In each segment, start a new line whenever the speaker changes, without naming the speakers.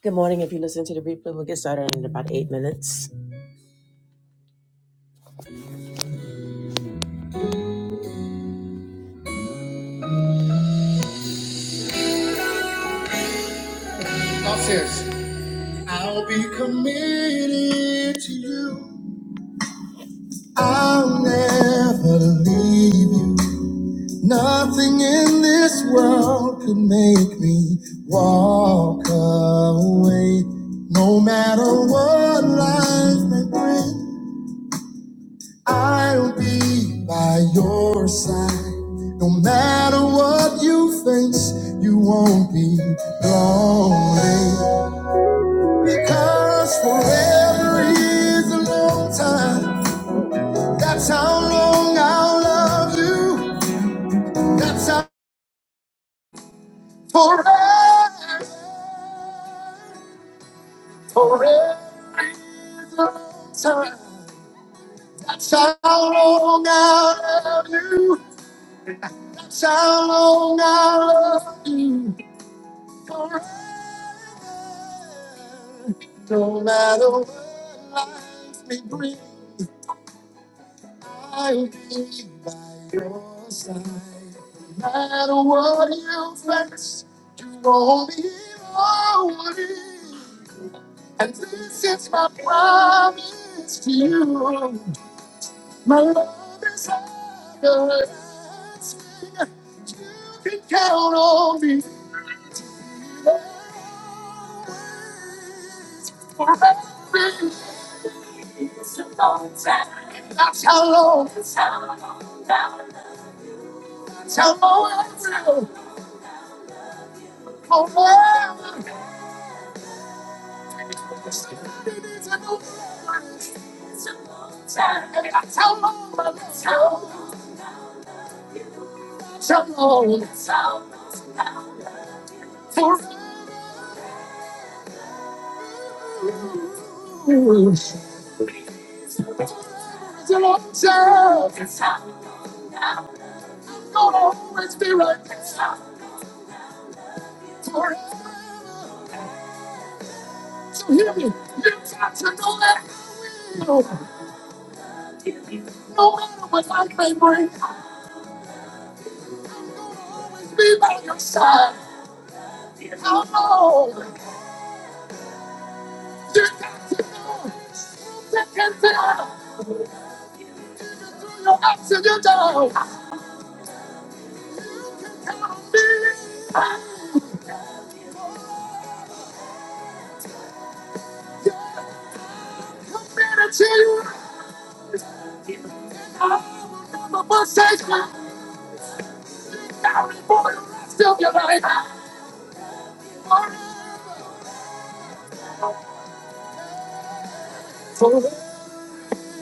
Good morning. If you listen to the replay, we'll get started in about eight minutes. God says, I'll be committed to you. I'll never leave you. Nothing in this world could make me walk away. No matter what life may bring. I'll be by your side. No matter what you face, you won't be lonely. Because forever is a long time. That's how long I'll love you. That's how forever. Forever is a long time. That's how long I'll love you. That's how long I'll love you. Forever, No matter what life may bring, I'll be by your side. No matter what you face, you only know me. And this is my promise to you. My love is everlasting. You can count on me. It's a long time. That's how long. That's how long. Forever. It's a long time. That's how long. That's how long. That's how long. That's how long. Forever. Till I'm served. It's gonna always be right there for it. So hear me. You've got to know that feel. No matter what life may bring, I'll be by your side. Oh no. You've got to know that can feel. Through your ups and your downs. Count on me. God committed to you. And I will never forsake you. Now and for the rest of your life. For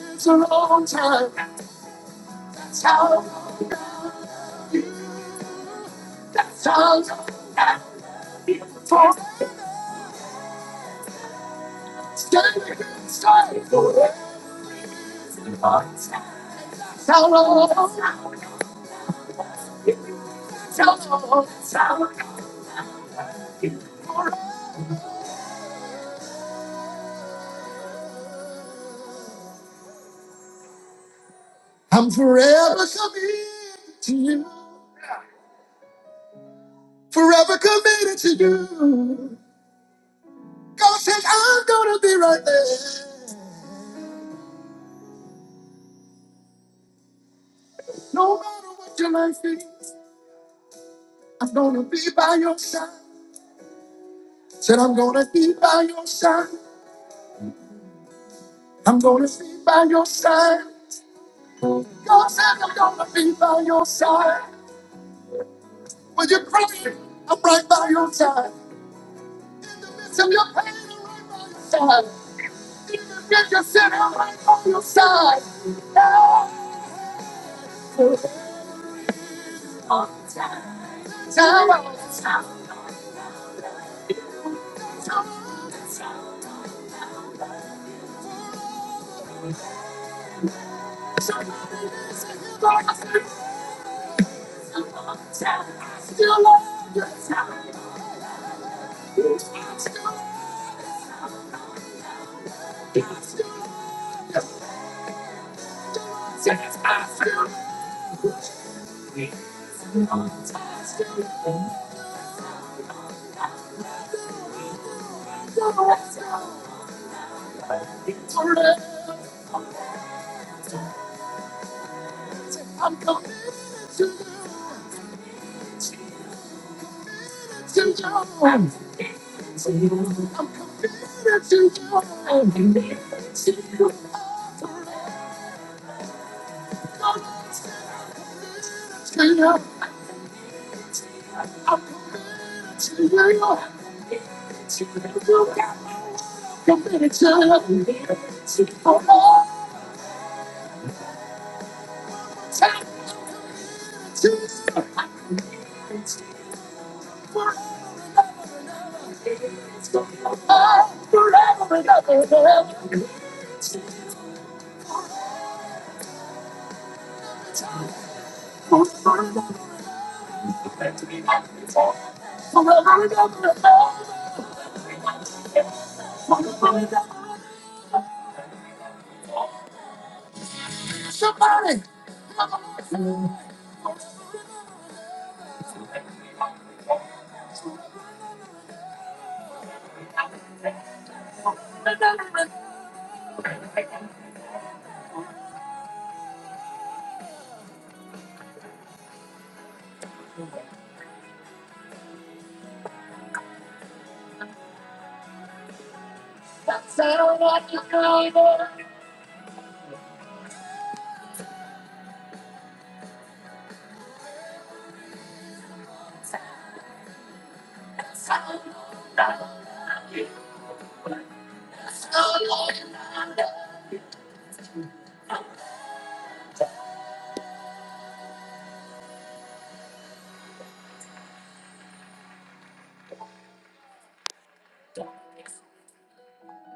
it's a long time. That's how. That's how. For standing here straight. That's how long. That's how long. That's how long. I'm forever committed to you. Forever committed to you. God says I'm gonna be right there. No matter what your life is, I'm gonna be by your side. Said I'm gonna be by your side. I'm gonna be by your side. God said I'm gonna be by your side. When you're crying, I'm right by your side. Listen, your pain, I'm right by your side. Even if you're sick, I'm right by your side. Yeah. All the time. Time out. Time out. Somebody listen, hear what I say. All the time. I still love you. I still love you. I'm coming to you, to you, to you. Somebody,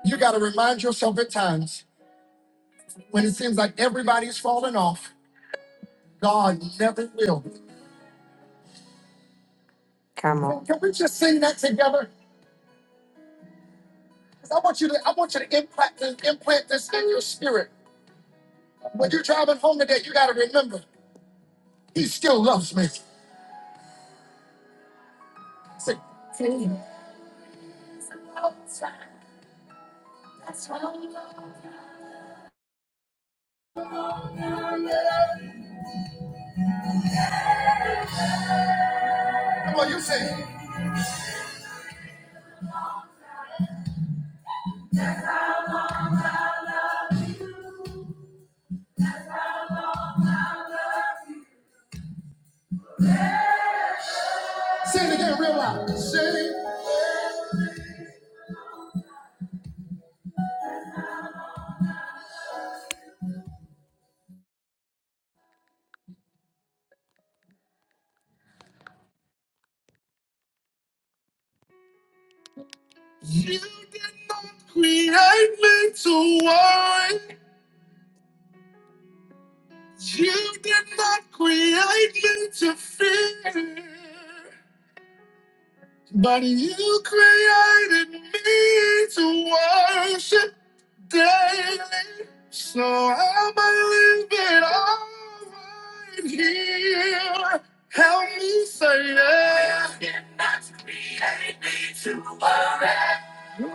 You got to remind yourself at times when it seems like everybody's falling off, God never will. Can we just sing that together? 'Cause I want you to I want you to implant this, implant this in your spirit. When you're driving home today, you gotta remember, he still loves me. Say, come on, you say, it. say it again real loud. Say, you did not create me to worry. You did not create me to fear. But you created me to worship daily, so I believe it all right here. Help me say yes. You did not create me to worry.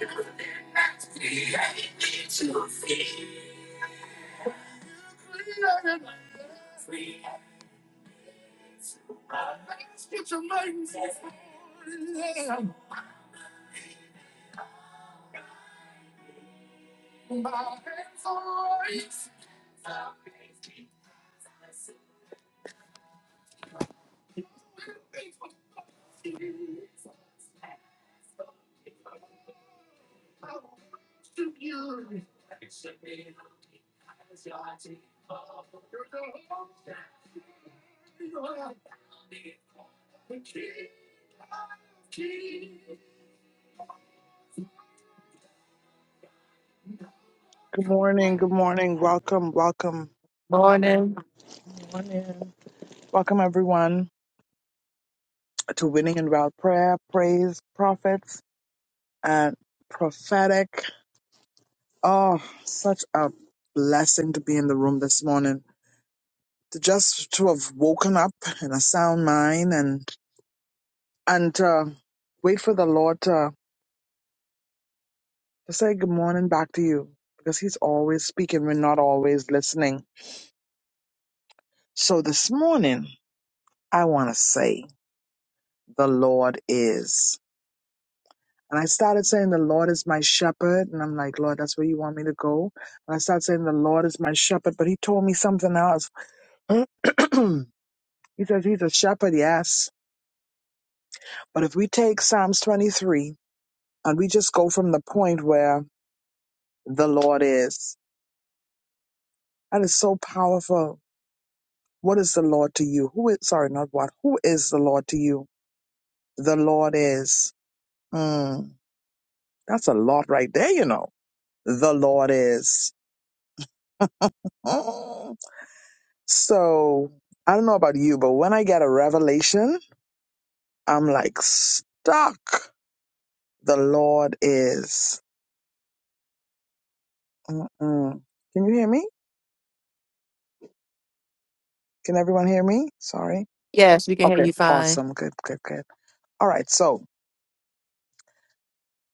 You did not create me to fear. Created me Created to worry. Let's get your minds. Yeah.
Good morning, good morning. Welcome, welcome. Good morning. Welcome everyone to Winning in Route Prayer, Praise, Prophets, and Prophetic. Oh, such a blessing to be in the room this morning. To just to have woken up in a sound mind and and to wait for the Lord to, to say good morning back to you. Because he's always speaking. We're not always listening. So this morning I wanna say the Lord is. And I started saying, The Lord is my shepherd. And I'm like, Lord, that's where you want me to go. And I started saying, The Lord is my shepherd. But he told me something else. he says, He's a shepherd, yes. But if we take Psalms 23 and we just go from the point where the Lord is, that is so powerful. What is the Lord to you? Who is, sorry, not what? Who is the Lord to you? The Lord is. Mm, that's a lot right there, you know. The Lord is. So I don't know about you, but when I get a revelation, I'm like stuck. The Lord is. Mm-mm. Can you hear me? Can everyone hear me? Sorry. Okay. Awesome. Good. Good. Good. All right. So,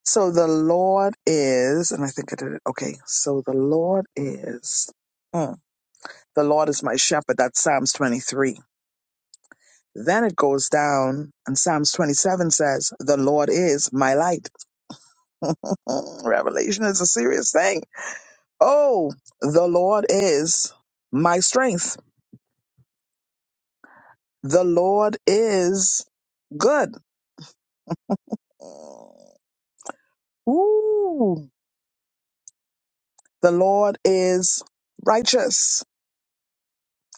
so the Lord is, and I think I did it. Okay. So the Lord is. mm, The Lord is my shepherd. That's Psalms 23. Then it goes down, and Psalms 27 says, The Lord is my light. Mm, Revelation is a serious thing Oh, the Lord is my strength. The Lord is good. Ooh, the Lord is righteous.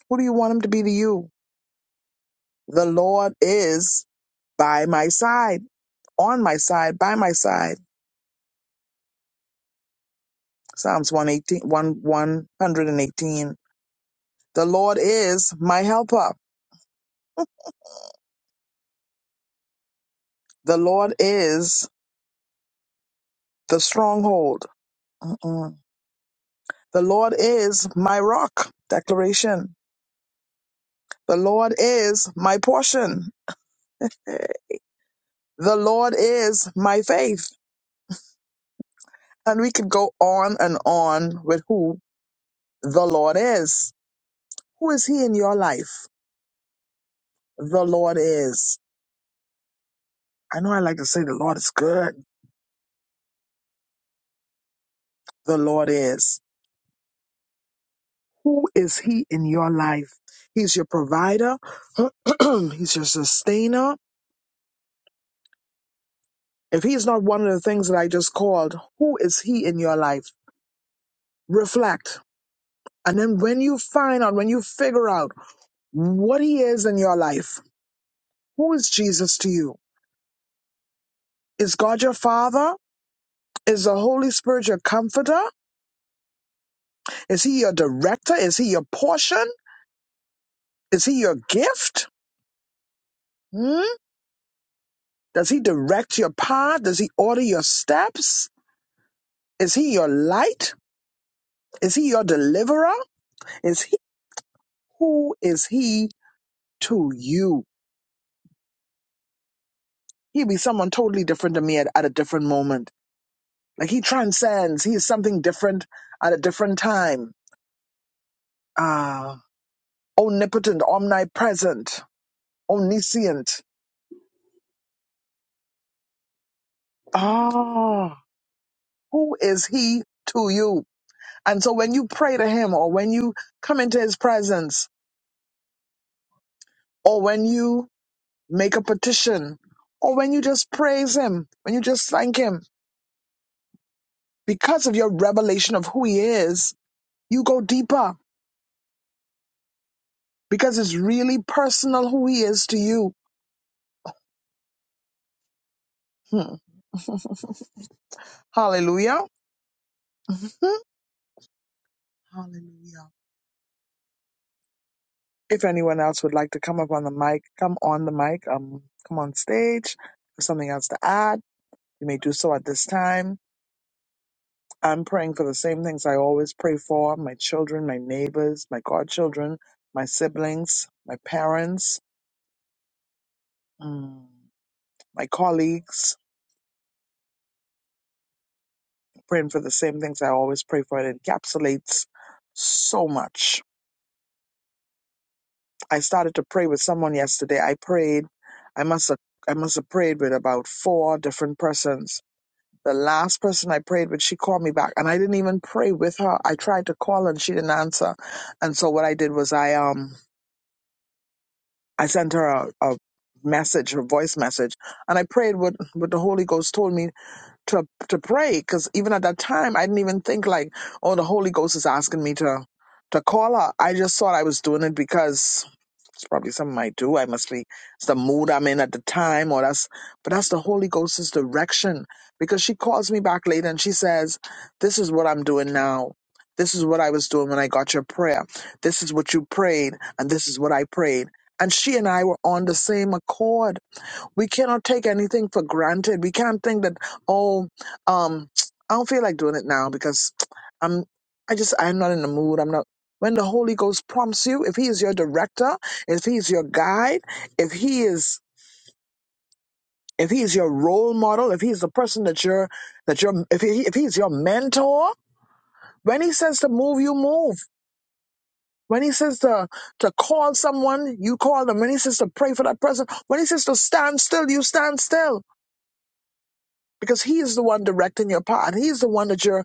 Who do you want him to be to you? The Lord is by my side, on my side, by my side. Psalms one eighteen one 118. The Lord is my helper. The Lord is the stronghold. Mm-mm. The Lord is my rock. Declaration. The Lord is my portion. The Lord is my faith. And we could go on and on with who the Lord is. Who is He in your life? The Lord is. I know I like to say the Lord is good. The Lord is. Who is He in your life? He's your provider. He's your sustainer. If He's not one of the things that I just called, who is He in your life? Reflect. And then when you find out, when you figure out, what he is in your life. Who is Jesus to you? Is God your father? Is the Holy Spirit your comforter? Is he your director? Is he your portion? Is he your gift? Hmm? Does he direct your path? Does he order your steps? Is he your light? Is he your deliverer? Is he who is he to you? He'd be someone totally different to me at, at a different moment. Like he transcends. He is something different at a different time. Ah. omnipotent, omnipresent, omniscient. Ah, who is he to you? And so when you pray to him or when you come into his presence or when you make a petition or when you just praise him, when you just thank him, because of your revelation of who he is, you go deeper because it's really personal who he is to you. Hmm. Hallelujah. Hallelujah. If anyone else would like to come up on the mic, come on the mic, um, come on stage. If something else to add, you may do so at this time. I'm praying for the same things I always pray for my children, my neighbors, my godchildren, my siblings, my parents, mm, my colleagues. Praying for the same things I always pray for. It encapsulates so much. I started to pray with someone yesterday. I prayed. I must have, I must have prayed with about four different persons The last person I prayed with, she called me back, and I didn't even pray with her. I tried to call and she didn't answer, and so what I did was I um I sent her a, a message, a voice message, and I prayed what what the Holy Ghost told me to to pray, because even at that time I didn't even think like, oh, the Holy Ghost is asking me to to call her. I just thought I was doing it because it's probably something I do. I must be it's the mood I'm in at the time, or that's but that's the Holy Ghost's direction. Because she calls me back later and she says, This is what I'm doing now. This is what I was doing when I got your prayer. This is what you prayed, and this is what I prayed. And she and I were on the same accord we cannot take anything for granted. We can't think that, oh, um, I don't feel like doing it now because I'm, I just, I'm not in the mood. I'm not. When the Holy Ghost prompts you, if He is your director, if He is your guide, if He is, if He is your role model, if He is the person that you're, that you're, if He, if He is your mentor, when He says to move, you move. When He says to to call someone, you call them. When He says to pray for that person, when He says to stand still, you stand still because he is the one directing your path. He is the one that you're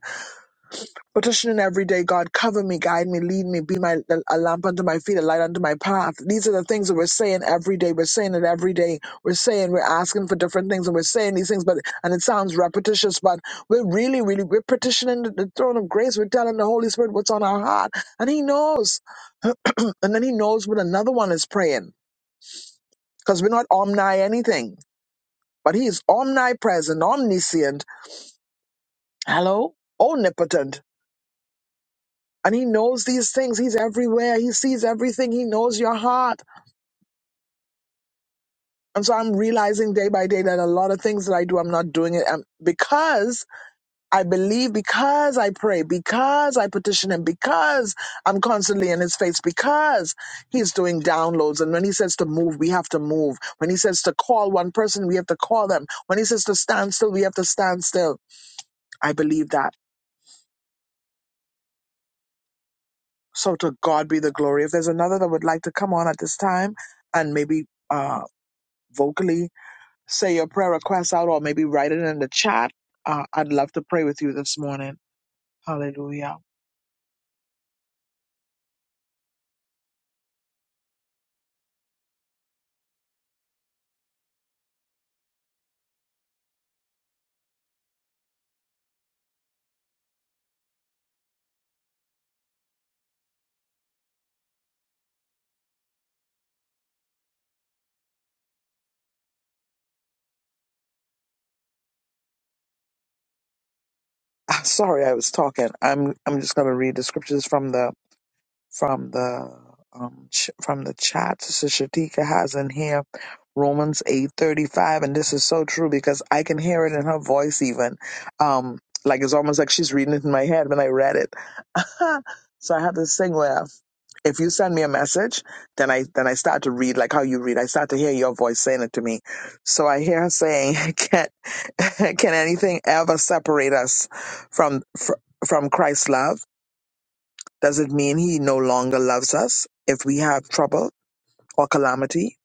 petitioning every day. God, cover me, guide me, lead me, be my a lamp under my feet, a light under my path. These are the things that we're saying every day. We're saying it every day. We're saying we're asking for different things, and we're saying these things. But and it sounds repetitious, but we're really, really we're petitioning the the throne of grace. We're telling the Holy Spirit what's on our heart, and He knows. and then He knows what another one is praying because we're not omni anything, but He is omnipresent, omniscient. Hello, omnipotent. And he knows these things. He's everywhere. He sees everything. He knows your heart. And so I'm realizing day by day that a lot of things that I do, I'm not doing it um, because I believe, because I pray, because I petition him, because I'm constantly in his face, because he's doing downloads. And when he says to move, we have to move. When he says to call one person, we have to call them. When he says to stand still, we have to stand still. I believe that. So to God be the glory. If there's another that would like to come on at this time and maybe. uh, vocally say your prayer request out or maybe write it in the chat. Uh, I'd love to pray with you this morning. Hallelujah. Sorry, I was talking. I'm I'm just going to read the scriptures from the from the um ch- from the chat. Sister Shatika has in here Romans eight thirty five, and this is so true because I can hear it in her voice even. Um, like it's almost like she's reading it in my head when I read it. so I have this thing where if you send me a message, then I then I start to read like how you read. I start to hear your voice saying it to me. So I hear her saying, "Can can anything ever separate us from fr- from Christ's love?" Does it mean he no longer loves us if we have trouble or calamity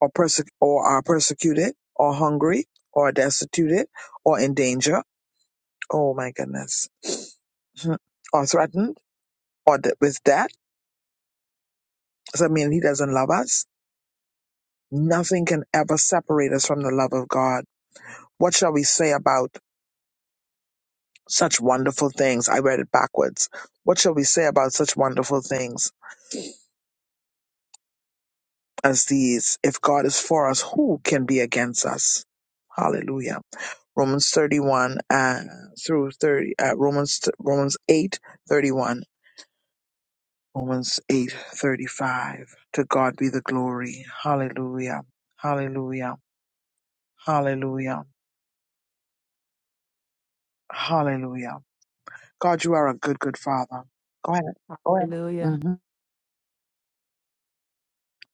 or, perse- or are persecuted or hungry or destitute or in danger? Oh my goodness. Mhm. or threatened or de- with death? Does that mean he doesn't love us? Nothing can ever separate us from the love of God. What shall we say about such wonderful things? I read it backwards. What shall we say about such wonderful things? as these. If God is for us, who can be against us? Hallelujah. Romans 31 uh, through 30, uh, Romans, Romans 8 31. Romans 8 35. To God be the glory. Hallelujah. Hallelujah. Hallelujah. Hallelujah. God, you are a good, good father. Go ahead. Go ahead.
Hallelujah.
hmm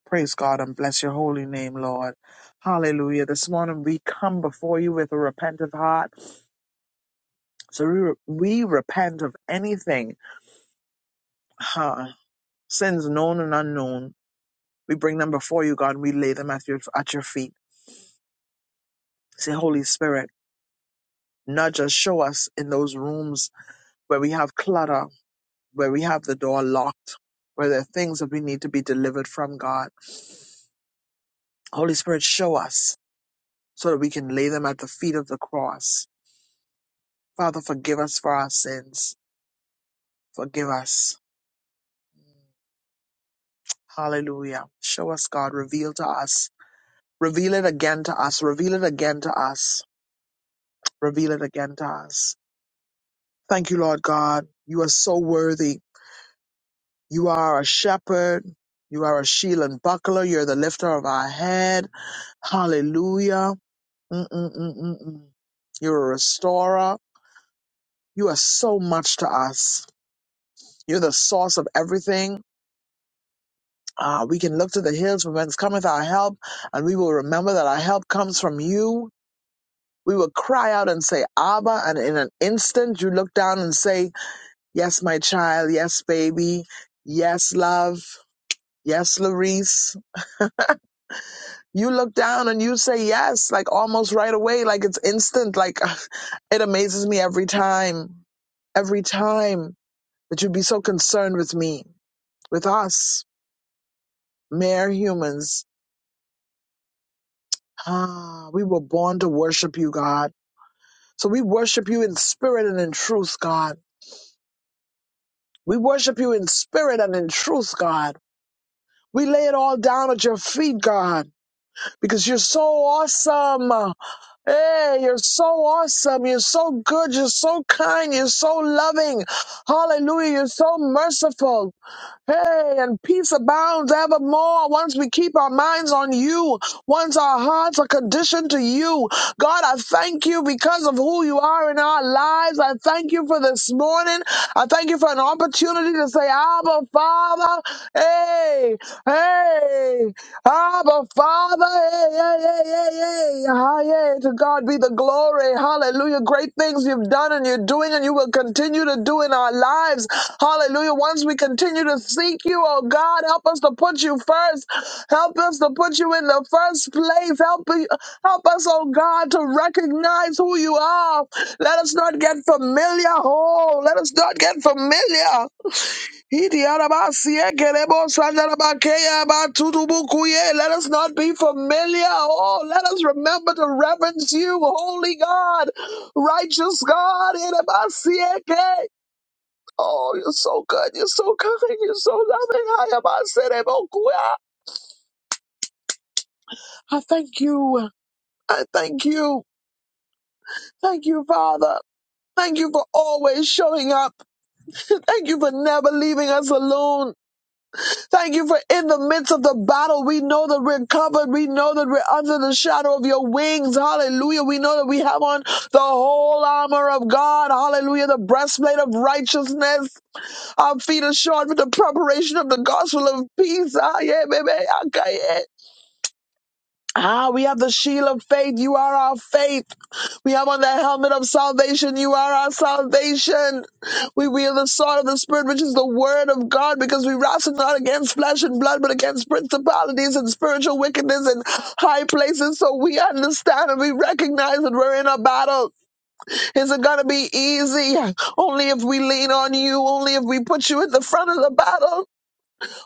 Praise God and bless your holy name, Lord. Hallelujah. This morning we come before you with a repentant heart. So we, re- we repent of anything, uh, sins known and unknown. We bring them before you, God. We lay them at your at your feet. Say, Holy Spirit, nudge us, show us in those rooms where we have clutter, where we have the door locked, where there are things that we need to be delivered from, God. Holy Spirit, show us so that we can lay them at the feet of the cross. Father, forgive us for our sins. Forgive us. Hallelujah. Show us, God. Reveal to us Reveal it again to us. Reveal it again to us. Reveal it again to us. Thank you, Lord God. You are so worthy. You are a shepherd. You are a shield and buckler. You're the lifter of our head. Hallelujah. Mm-mm-mm-mm-mm. You're a restorer. You are so much to us. You're the source of everything. Ah, we can look to the hills from whence cometh our help, and we will remember that our help comes from you. We would cry out and say, Abba. And in an instant, you look down and say, Yes, my child. Yes, baby. Yes, love. Yes, Larice. You look down and you say yes, like almost right away, like it's instant. Like it amazes me every time, every time that you'd be so concerned with me, with us, mere humans. Ah, we were born to worship you, God. So we worship you in spirit and in truth, God. We worship you in spirit and in truth, God. We lay it all down at your feet, God, because you're so awesome. Hey, you're so awesome. You're so good. You're so kind. You're so loving. Hallelujah. You're so merciful. Hey, and peace abounds evermore once we keep our minds on you, once our hearts are conditioned to you. God, I thank you because of who you are in our lives. I thank you for this morning. I thank you for an opportunity to say, Abba, Father. Hey, hey. Abba, Father, hey, hey, hey, hey, hey. Ah, yeah. To God be the glory. Hallelujah. Great things you've done and you're doing and you will continue to do in our lives. Hallelujah. Once we continue to seek you, oh God, help us to put you first. Help us to put you in the first place. Help, help us, oh God, to recognize who you are. Let us not get familiar. Oh, let us not get familiar. Iti arabasiye keremos andarabakeya batutubukuye. Let us not be familiar. Oh, let us remember to reverence you, holy God, righteous God. Irabasiye ke. Oh, you're so good. You're so kind. You're so loving. Ayabaserebokuya. I thank you. I thank you. Thank you, Father. Thank you for always showing up. Thank you for never leaving us alone. Thank you for in the midst of the battle, we know that we're covered. We know that we're under the shadow of your wings. Hallelujah. We know that we have on the whole armor of God. Hallelujah. The breastplate of righteousness. Our feet are shod with the preparation of the gospel of peace. Ah, yeah, baby. Okay, yeah. Ah, we have the shield of faith. You are our faith. We have on the helmet of salvation. You are our salvation. We wield the sword of the Spirit, which is the word of God, because we wrestle not against flesh and blood, but against principalities and spiritual wickedness in high places. So we understand and we recognize that we're in a battle. Is it going to be easy? Only if we lean on you, only if we put you at the front of the battle.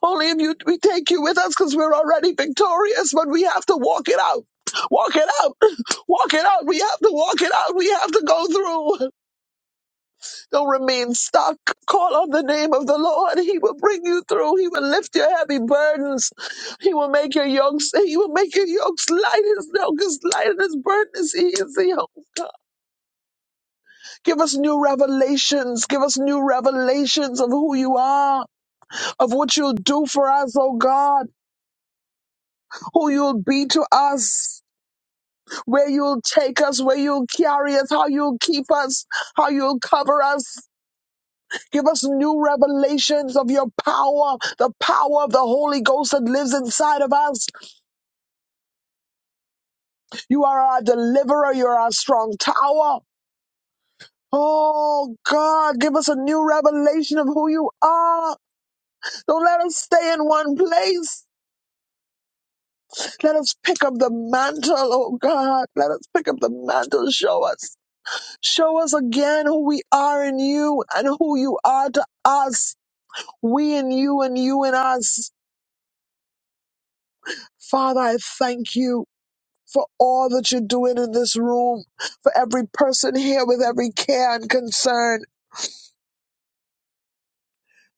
Only if you we take you with us because we're already victorious, but we have to walk it out. Walk it out. Walk it out. We have to walk it out. We have to go through. Don't remain stuck. Call on the name of the Lord. He will bring you through. He will lift your heavy burdens. He will make your yokes. He will make your yokes light. His yoke is light and his burden is easy. Oh God. Give us new revelations. Give us new revelations of who you are, of what you'll do for us, oh God who you'll be to us, where you'll take us, where you'll carry us, how you'll keep us, how you'll cover us. Give us new revelations of your power, the power of the Holy Ghost that lives inside of us. You are our deliverer, you are our strong tower. Oh God, give us a new revelation of who you are. Don't let us stay in one place. Let us pick up the mantle, oh God. Let us pick up the mantle. Show us. Show us again who we are in you and who you are to us. We in you and you in us. Father, I thank you for all that you're doing in this room, for every person here with every care and concern.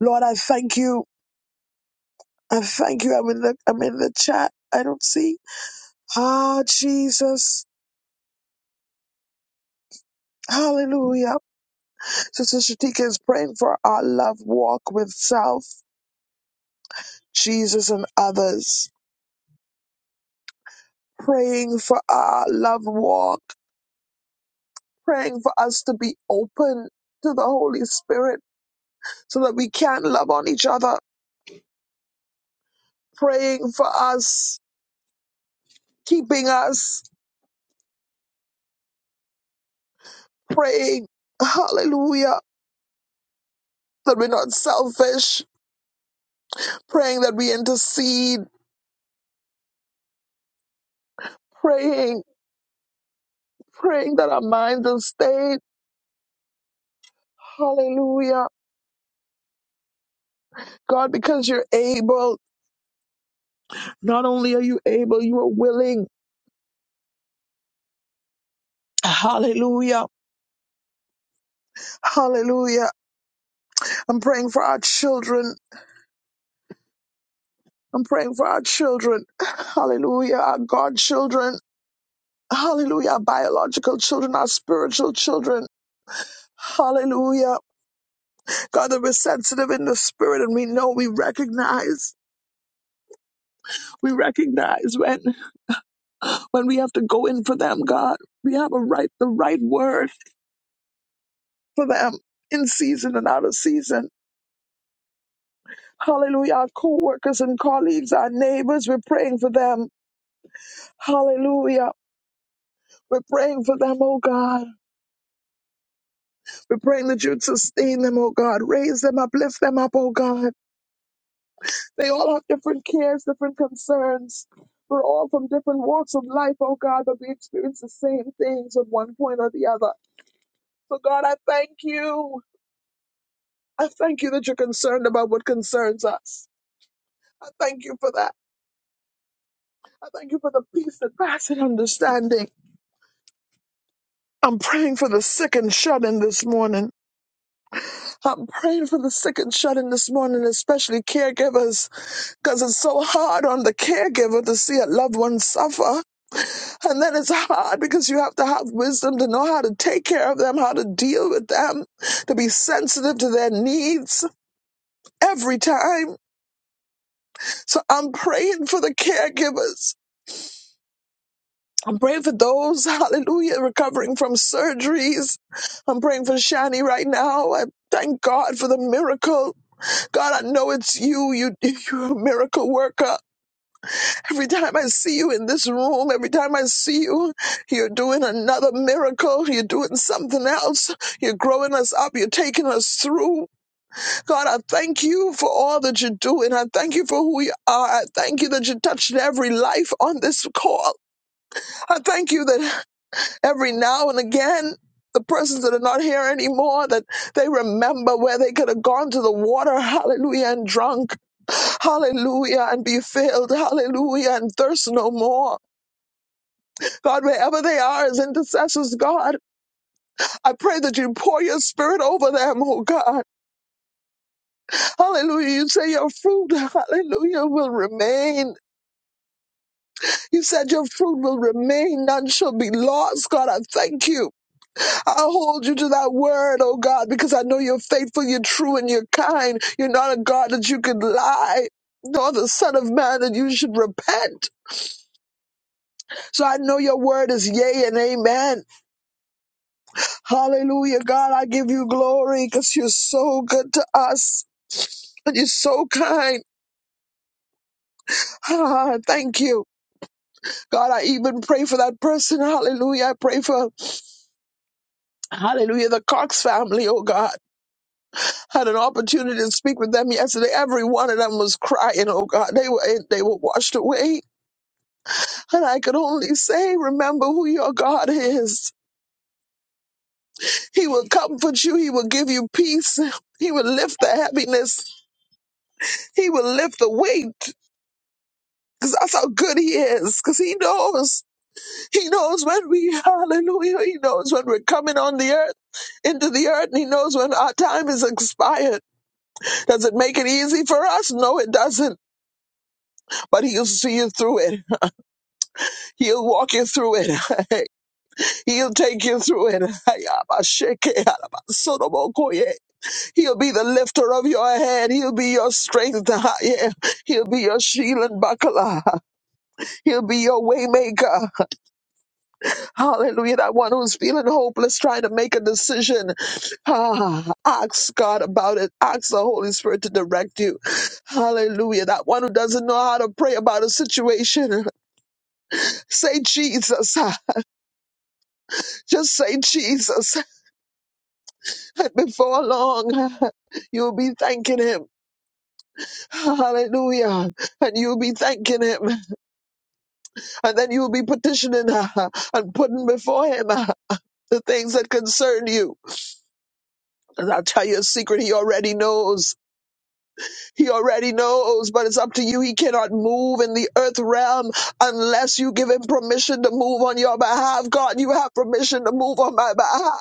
Lord, I thank you. I thank you. I'm in the, I'm in the chat. I don't see. Ah, Jesus. Hallelujah. Sister Shatika is praying for our love walk with self, Jesus, and others. Praying for our love walk praying for us to be open to the Holy Spirit so that we can love on each other, praying for us, keeping us, praying, hallelujah, that we're not selfish, praying that we intercede, praying, praying that our minds are stayed. Hallelujah. God, because you're able, not only are you able, you are willing. Hallelujah. Hallelujah. I'm praying for our children I'm praying for our children. Hallelujah. Our godchildren. Hallelujah. Our biological children, our spiritual children. Hallelujah. God, that we're sensitive in the spirit and we know we recognize. We recognize when when we have to go in for them, God. We have a right the right word for them in season and out of season. Hallelujah. Our co-workers and colleagues, our neighbors, we're praying for them. Hallelujah. We're praying for them, oh God. We're praying that you'd sustain them, oh God. Raise them up, lift them up, oh God. They all have different cares, different concerns. We're all from different walks of life, oh God, but we experience the same things at one point or the other. So, God, I thank you. I thank you that you're concerned about what concerns us. I thank you for that. I thank you for the peace that passes understanding. I'm praying for the sick and shut in this morning. I'm praying for the sick and shut in this morning, especially caregivers. because it's so hard on the caregiver to see a loved one suffer. And then it's hard because you have to have wisdom to know how to take care of them, how to deal with them, to be sensitive to their needs every time. So I'm praying for the caregivers. I'm praying for those, hallelujah, recovering from surgeries. I'm praying for Shani right now. I thank God for the miracle. God, I know it's you. You, you're a miracle worker. Every time I see you in this room, every time I see you, you're doing another miracle. You're doing something else. You're growing us up. You're taking us through. God, I thank you for all that you're doing. I thank you for who you are. I thank you that you touched every life on this call. I thank you that every now and again, the persons that are not here anymore, that they remember where they could have gone to the water, hallelujah, and drunk. Hallelujah, and be filled. Hallelujah, and thirst no more. God, wherever they are as intercessors, God, I pray that you pour your spirit over them, oh God. Hallelujah. You say your fruit, hallelujah, will remain. You said your fruit will remain. None shall be lost. God, I thank you. I hold you to that word, oh God, because I know you're faithful, you're true, and you're kind. You're not a God that you could lie. Nor the Son of Man that you should repent. So I know your word is yea and amen. Hallelujah, God, I give you glory because you're so good to us. And you're so kind. Ah, thank you. God, I even pray for that person. Hallelujah. I pray for, hallelujah, the Cox family, oh God. Had an opportunity to speak with them yesterday. Every one of them was crying, oh God. They were, they were washed away. And I could only say, remember who your God is. He will comfort you. He will give you peace. He will lift the heaviness. He will lift the weight. Because that's how good he is. Because he knows. He knows when we, hallelujah, he knows when we're coming on the earth, into the earth, and he knows when our time is expired. Does it make it easy for us? No, it doesn't. But he'll see you through it. He'll walk you through it. he'll take you through it. He'll be the lifter of your head. He'll be your strength. Yeah. He'll be your shield and buckler. He'll be your waymaker. Hallelujah. That one who's feeling hopeless, trying to make a decision. Ah, ask God about it. Ask the Holy Spirit to direct you. Hallelujah. That one who doesn't know how to pray about a situation. Say Jesus. Just say Jesus. Before long, you'll be thanking him. Hallelujah. And you'll be thanking him. And then you'll be petitioning uh, and putting before him uh, the things that concern you. And I'll tell you a secret he already knows. He already knows, but it's up to you. He cannot move in the earth realm unless you give him permission to move on your behalf. God, you have permission to move on my behalf.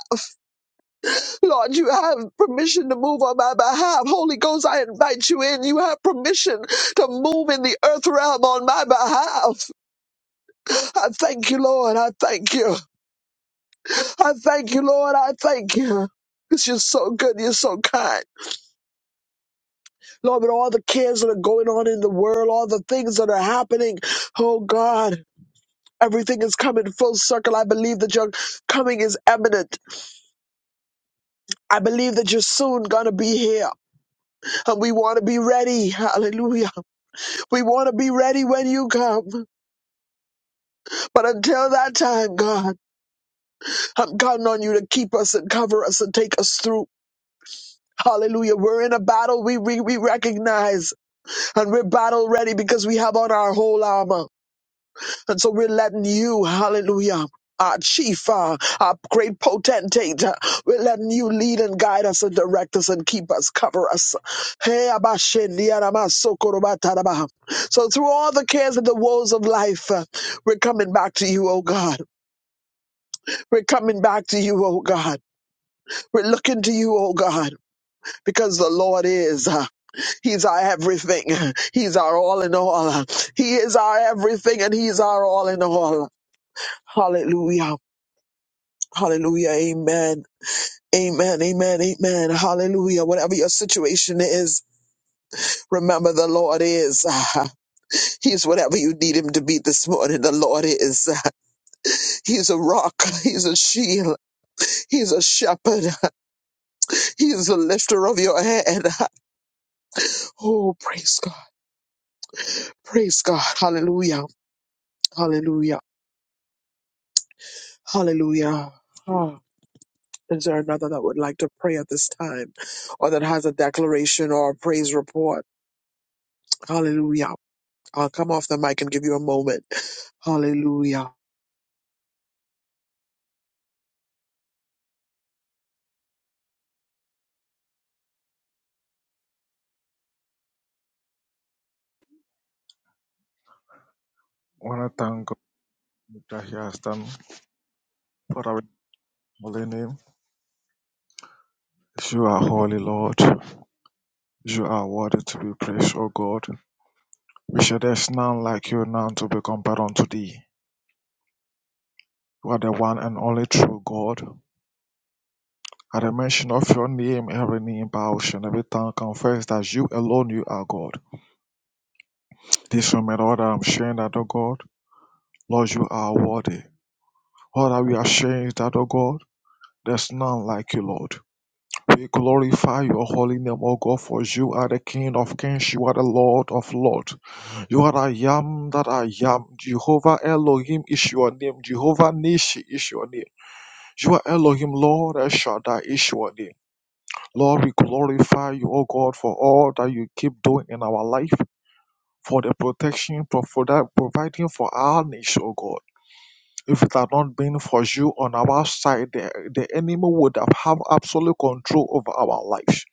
Lord, you have permission to move on my behalf. Holy Ghost, I invite you in. You have permission to move in the earth realm on my behalf. I thank you, Lord. I thank you. I thank you, Lord. I thank you. Because you're so good. You're so kind. Lord, with all the cares that are going on in the world, all the things that are happening, oh God. Everything is coming full circle. I believe that your coming is imminent. I believe that you're soon going to be here. And we want to be ready. Hallelujah. We want to be ready when you come. But until that time, God, I'm counting on you to keep us and cover us and take us through. Hallelujah. We're in a battle we, we, we recognize and we're battle ready because we have on our whole armor. And so we're letting you, hallelujah, our chief, uh, our great potentate, uh, we're letting you lead and guide us and direct us and keep us, cover us. Hey, abashendi, arabasokorobataraba. So through all the cares and the woes of life, uh, we're coming back to you, oh God. We're coming back to you, oh God. We're looking to you, oh God, because the Lord is. uh, He's our everything. He's our all in all. He is our everything and He's our all in all. Hallelujah. Hallelujah. Amen. Amen. Amen. Amen. Hallelujah. Whatever your situation is, remember the Lord is. He's whatever you need him to be this morning. The Lord is. He's a rock. He's a shield. He's a shepherd. He's the lifter of your head. Oh, praise God. Praise God. Hallelujah. Hallelujah. Hallelujah. Ah, Is there another that would like to pray at this time or that has a declaration or a praise report? Hallelujah. I'll come off the mic and give you a moment. Hallelujah.
want to thank God that He has done for our holy name. You are holy, Lord. You are worthy to be praised, O God. We shall there's none like you, none to be compared unto thee. You are the one and only true God. At the mention of your name, every knee bows and every tongue confess that you alone you are God. This moment, all that I'm sharing that, O God, Lord, you are worthy. All that we are sharing is that, O God, there's none like you, Lord. We glorify your holy name, O God, for you are the King of kings, you are the Lord of lords. You are I am that I am. Jehovah Elohim is your name. Jehovah Nishi is your name. You are Elohim, Lord El Shaddai is your name. Lord, we glorify you, O God, for all that you keep doing in our life, for the protection, for for that providing for our nation, O God. If it had not been for you on our side, the, the enemy would have had absolute control over our lives.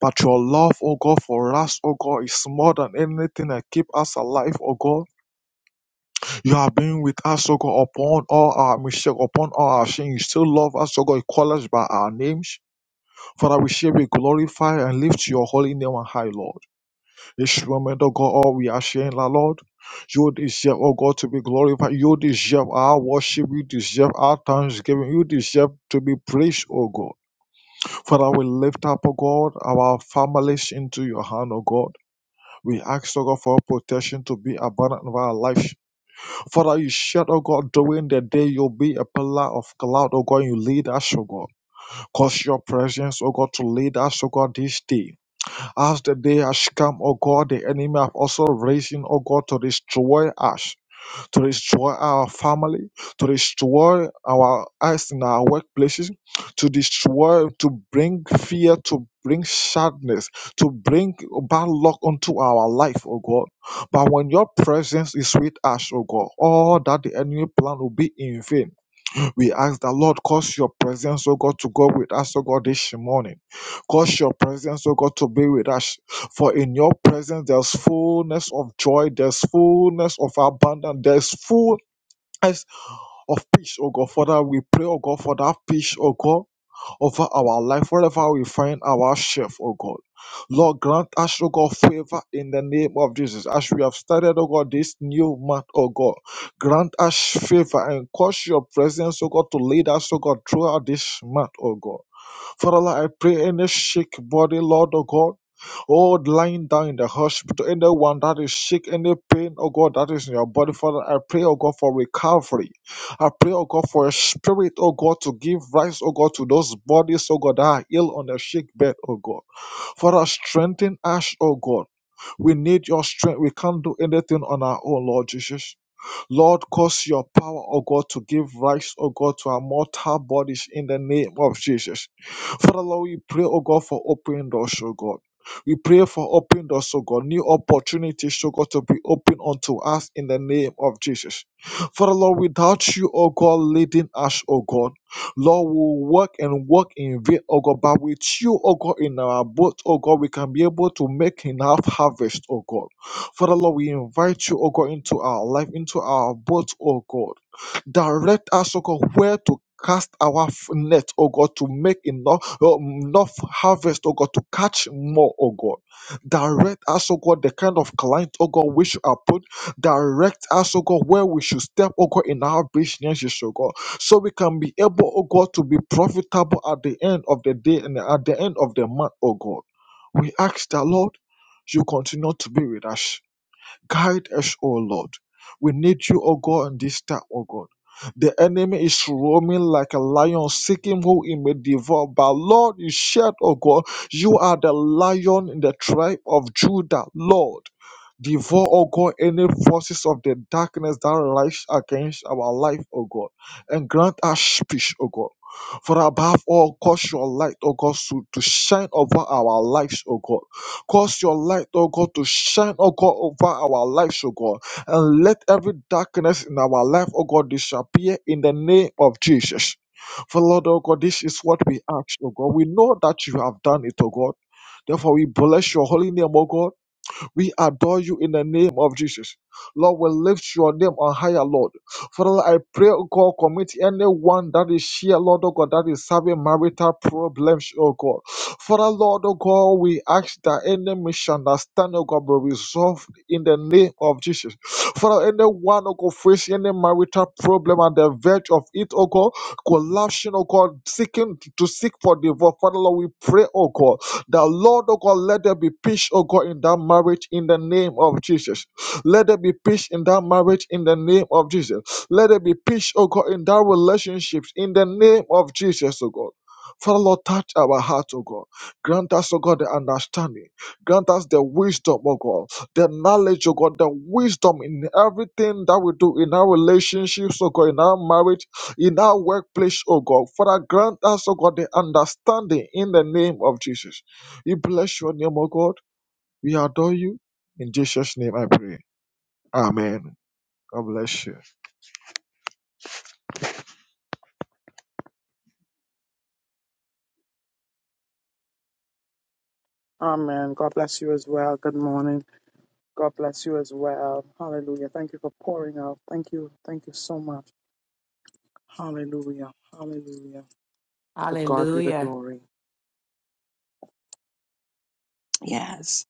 But your love, oh God, for us, oh God, is more than anything that keep us alive, oh God. You have been with us, oh God, upon all our mistakes, upon all our sins. You still love us, oh God. You call us by our names. Father, we shall be glorified and lift your holy name on high, Lord. This moment, oh God, all we are sharing, La Lord. You deserve, oh God, to be glorified. You deserve our worship. You deserve our thanksgiving. You deserve to be praised, oh God. Father, we lift up, oh God, our families into your hand, oh God. We ask, oh God, for protection to be abundant in our lives. Father, you said, oh God, during the day you'll be a pillar of cloud, oh God, and you lead us, oh God. Cause your presence, oh God, to lead us, oh God, this day. As the day has come, O God, the enemy have also risen, O God, to destroy us, to destroy our family, to destroy our us in our workplaces, to destroy, to bring fear, to bring sadness, to bring bad luck unto our life, O God. But when your presence is with us, O God, all that the enemy plan will be in vain. We ask that Lord, cause your presence, oh God, to go with us, oh God, this morning. Cause your presence, oh God, to be with us. For in your presence there's fullness of joy, there's fullness of abundance, there's fullness of peace, oh God. Father, we pray, oh God, for that peace, oh God over our life, wherever we find ourselves, oh God. Lord, grant us, oh God, favor in the name of Jesus. As we have started, oh God, this new month, oh God, grant us favor and cause your presence, oh God, to lead us, oh God, throughout this month, oh God. Father, Lord, I pray any sick body, Lord, oh God. Oh, lying down in the hospital, anyone that is sick, any pain, oh God, that is in your body, Father, I pray, oh God, for recovery. I pray, oh God, for a spirit, oh God, to give rise, oh God, to those bodies, oh God, that are ill on the sick bed, oh God. Father, strengthen us, oh God. We need your strength. We can't do anything on our own, Lord Jesus. Lord, cause your power, oh God, to give rise, oh God, to our mortal bodies in the name of Jesus. Father, Lord, we pray, oh God, for open doors, oh God. We pray for open doors, oh God, new opportunities, oh God, to be open unto us in the name of Jesus. Father, Lord, without you, oh God, leading us, oh God, Lord, we will work and work in vain, oh God, but with you, oh God, in our boat, oh God, we can be able to make enough harvest, oh God. Father Lord, we invite you, oh God, into our life, into our boat, oh God. Direct us, oh God, where to cast our f- net, oh God, to make enough, uh, enough harvest, oh God, to catch more, oh God. Direct us, oh God, the kind of client, oh God, we should approach. Direct us, oh God, where we should step, oh God, in our businesses, oh God, so we can be able, oh God, to be profitable at the end of the day and at the end of the month, oh God. We ask the Lord, you continue to be with us. Guide us, O Lord. We need you, O God, in this time, O God. The enemy is roaming like a lion, seeking who he may devour. But Lord, you said, O God, you are the lion in the tribe of Judah, Lord. Devour, O God, any forces of the darkness that rise against our life, O God, and grant us peace, O God. For above all, cause your light, O God, to, to shine over our lives, O God. Cause your light, O God, to shine, O God, over our lives, O God. And let every darkness in our life, O God, disappear in the name of Jesus. For Lord, O God, this is what we ask, O God. We know that you have done it, O God. Therefore, we bless your holy name, O God. We adore you in the name of Jesus. Lord, we lift your name on higher, Lord. Father, Lord, I pray, oh God, commit anyone that is here, Lord, oh God, that is having marital problems, oh God. Father, Lord, oh God, we ask that any misunderstanding, oh God, be resolved in the name of Jesus. Father, anyone, oh God, facing any marital problem at the verge of it, oh God, collapsing, oh God, seeking to seek for divorce. Father, Lord, we pray, oh God the Lord, oh God, let there be peace, oh God, in that marriage in the name of Jesus. Let there be peace in that marriage in the name of Jesus. Let there be peace, oh God, in that relationships in the name of Jesus, oh God. Father, Lord, touch our hearts, O God. Grant us, O God, the understanding. Grant us the wisdom, O God, the knowledge, O God, the wisdom in everything that we do in our relationships, O God, in our marriage, in our workplace, O God. Father, grant us, O God, the understanding in the name of Jesus. We bless your name, O God. We adore you. In Jesus' name I pray. Amen. God bless you.
Amen. God bless you as well. Good morning. God bless you as well. Hallelujah. Thank you for pouring out. Thank you. Thank you so much. Hallelujah. Hallelujah. To God be the
Hallelujah.
glory. Yes.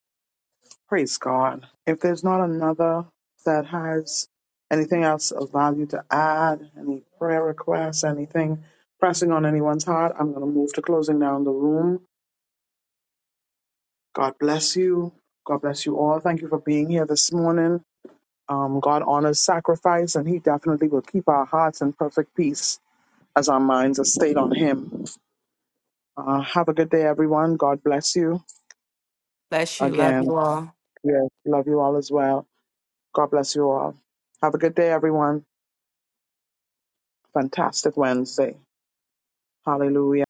Praise God. If there's not another that has anything else of value to add, any prayer requests, anything pressing on anyone's heart, I'm going to move to closing down the room. God bless you. God bless you all. Thank you for being here this morning. Um, God honors sacrifice, and He definitely will keep our hearts in perfect peace as our minds are stayed on Him. Uh, have a good day, everyone. God bless you
Bless you. Love you
again.
all.
Yes, love you all as well. God bless you all. Have a good day, everyone. Fantastic Wednesday. Hallelujah.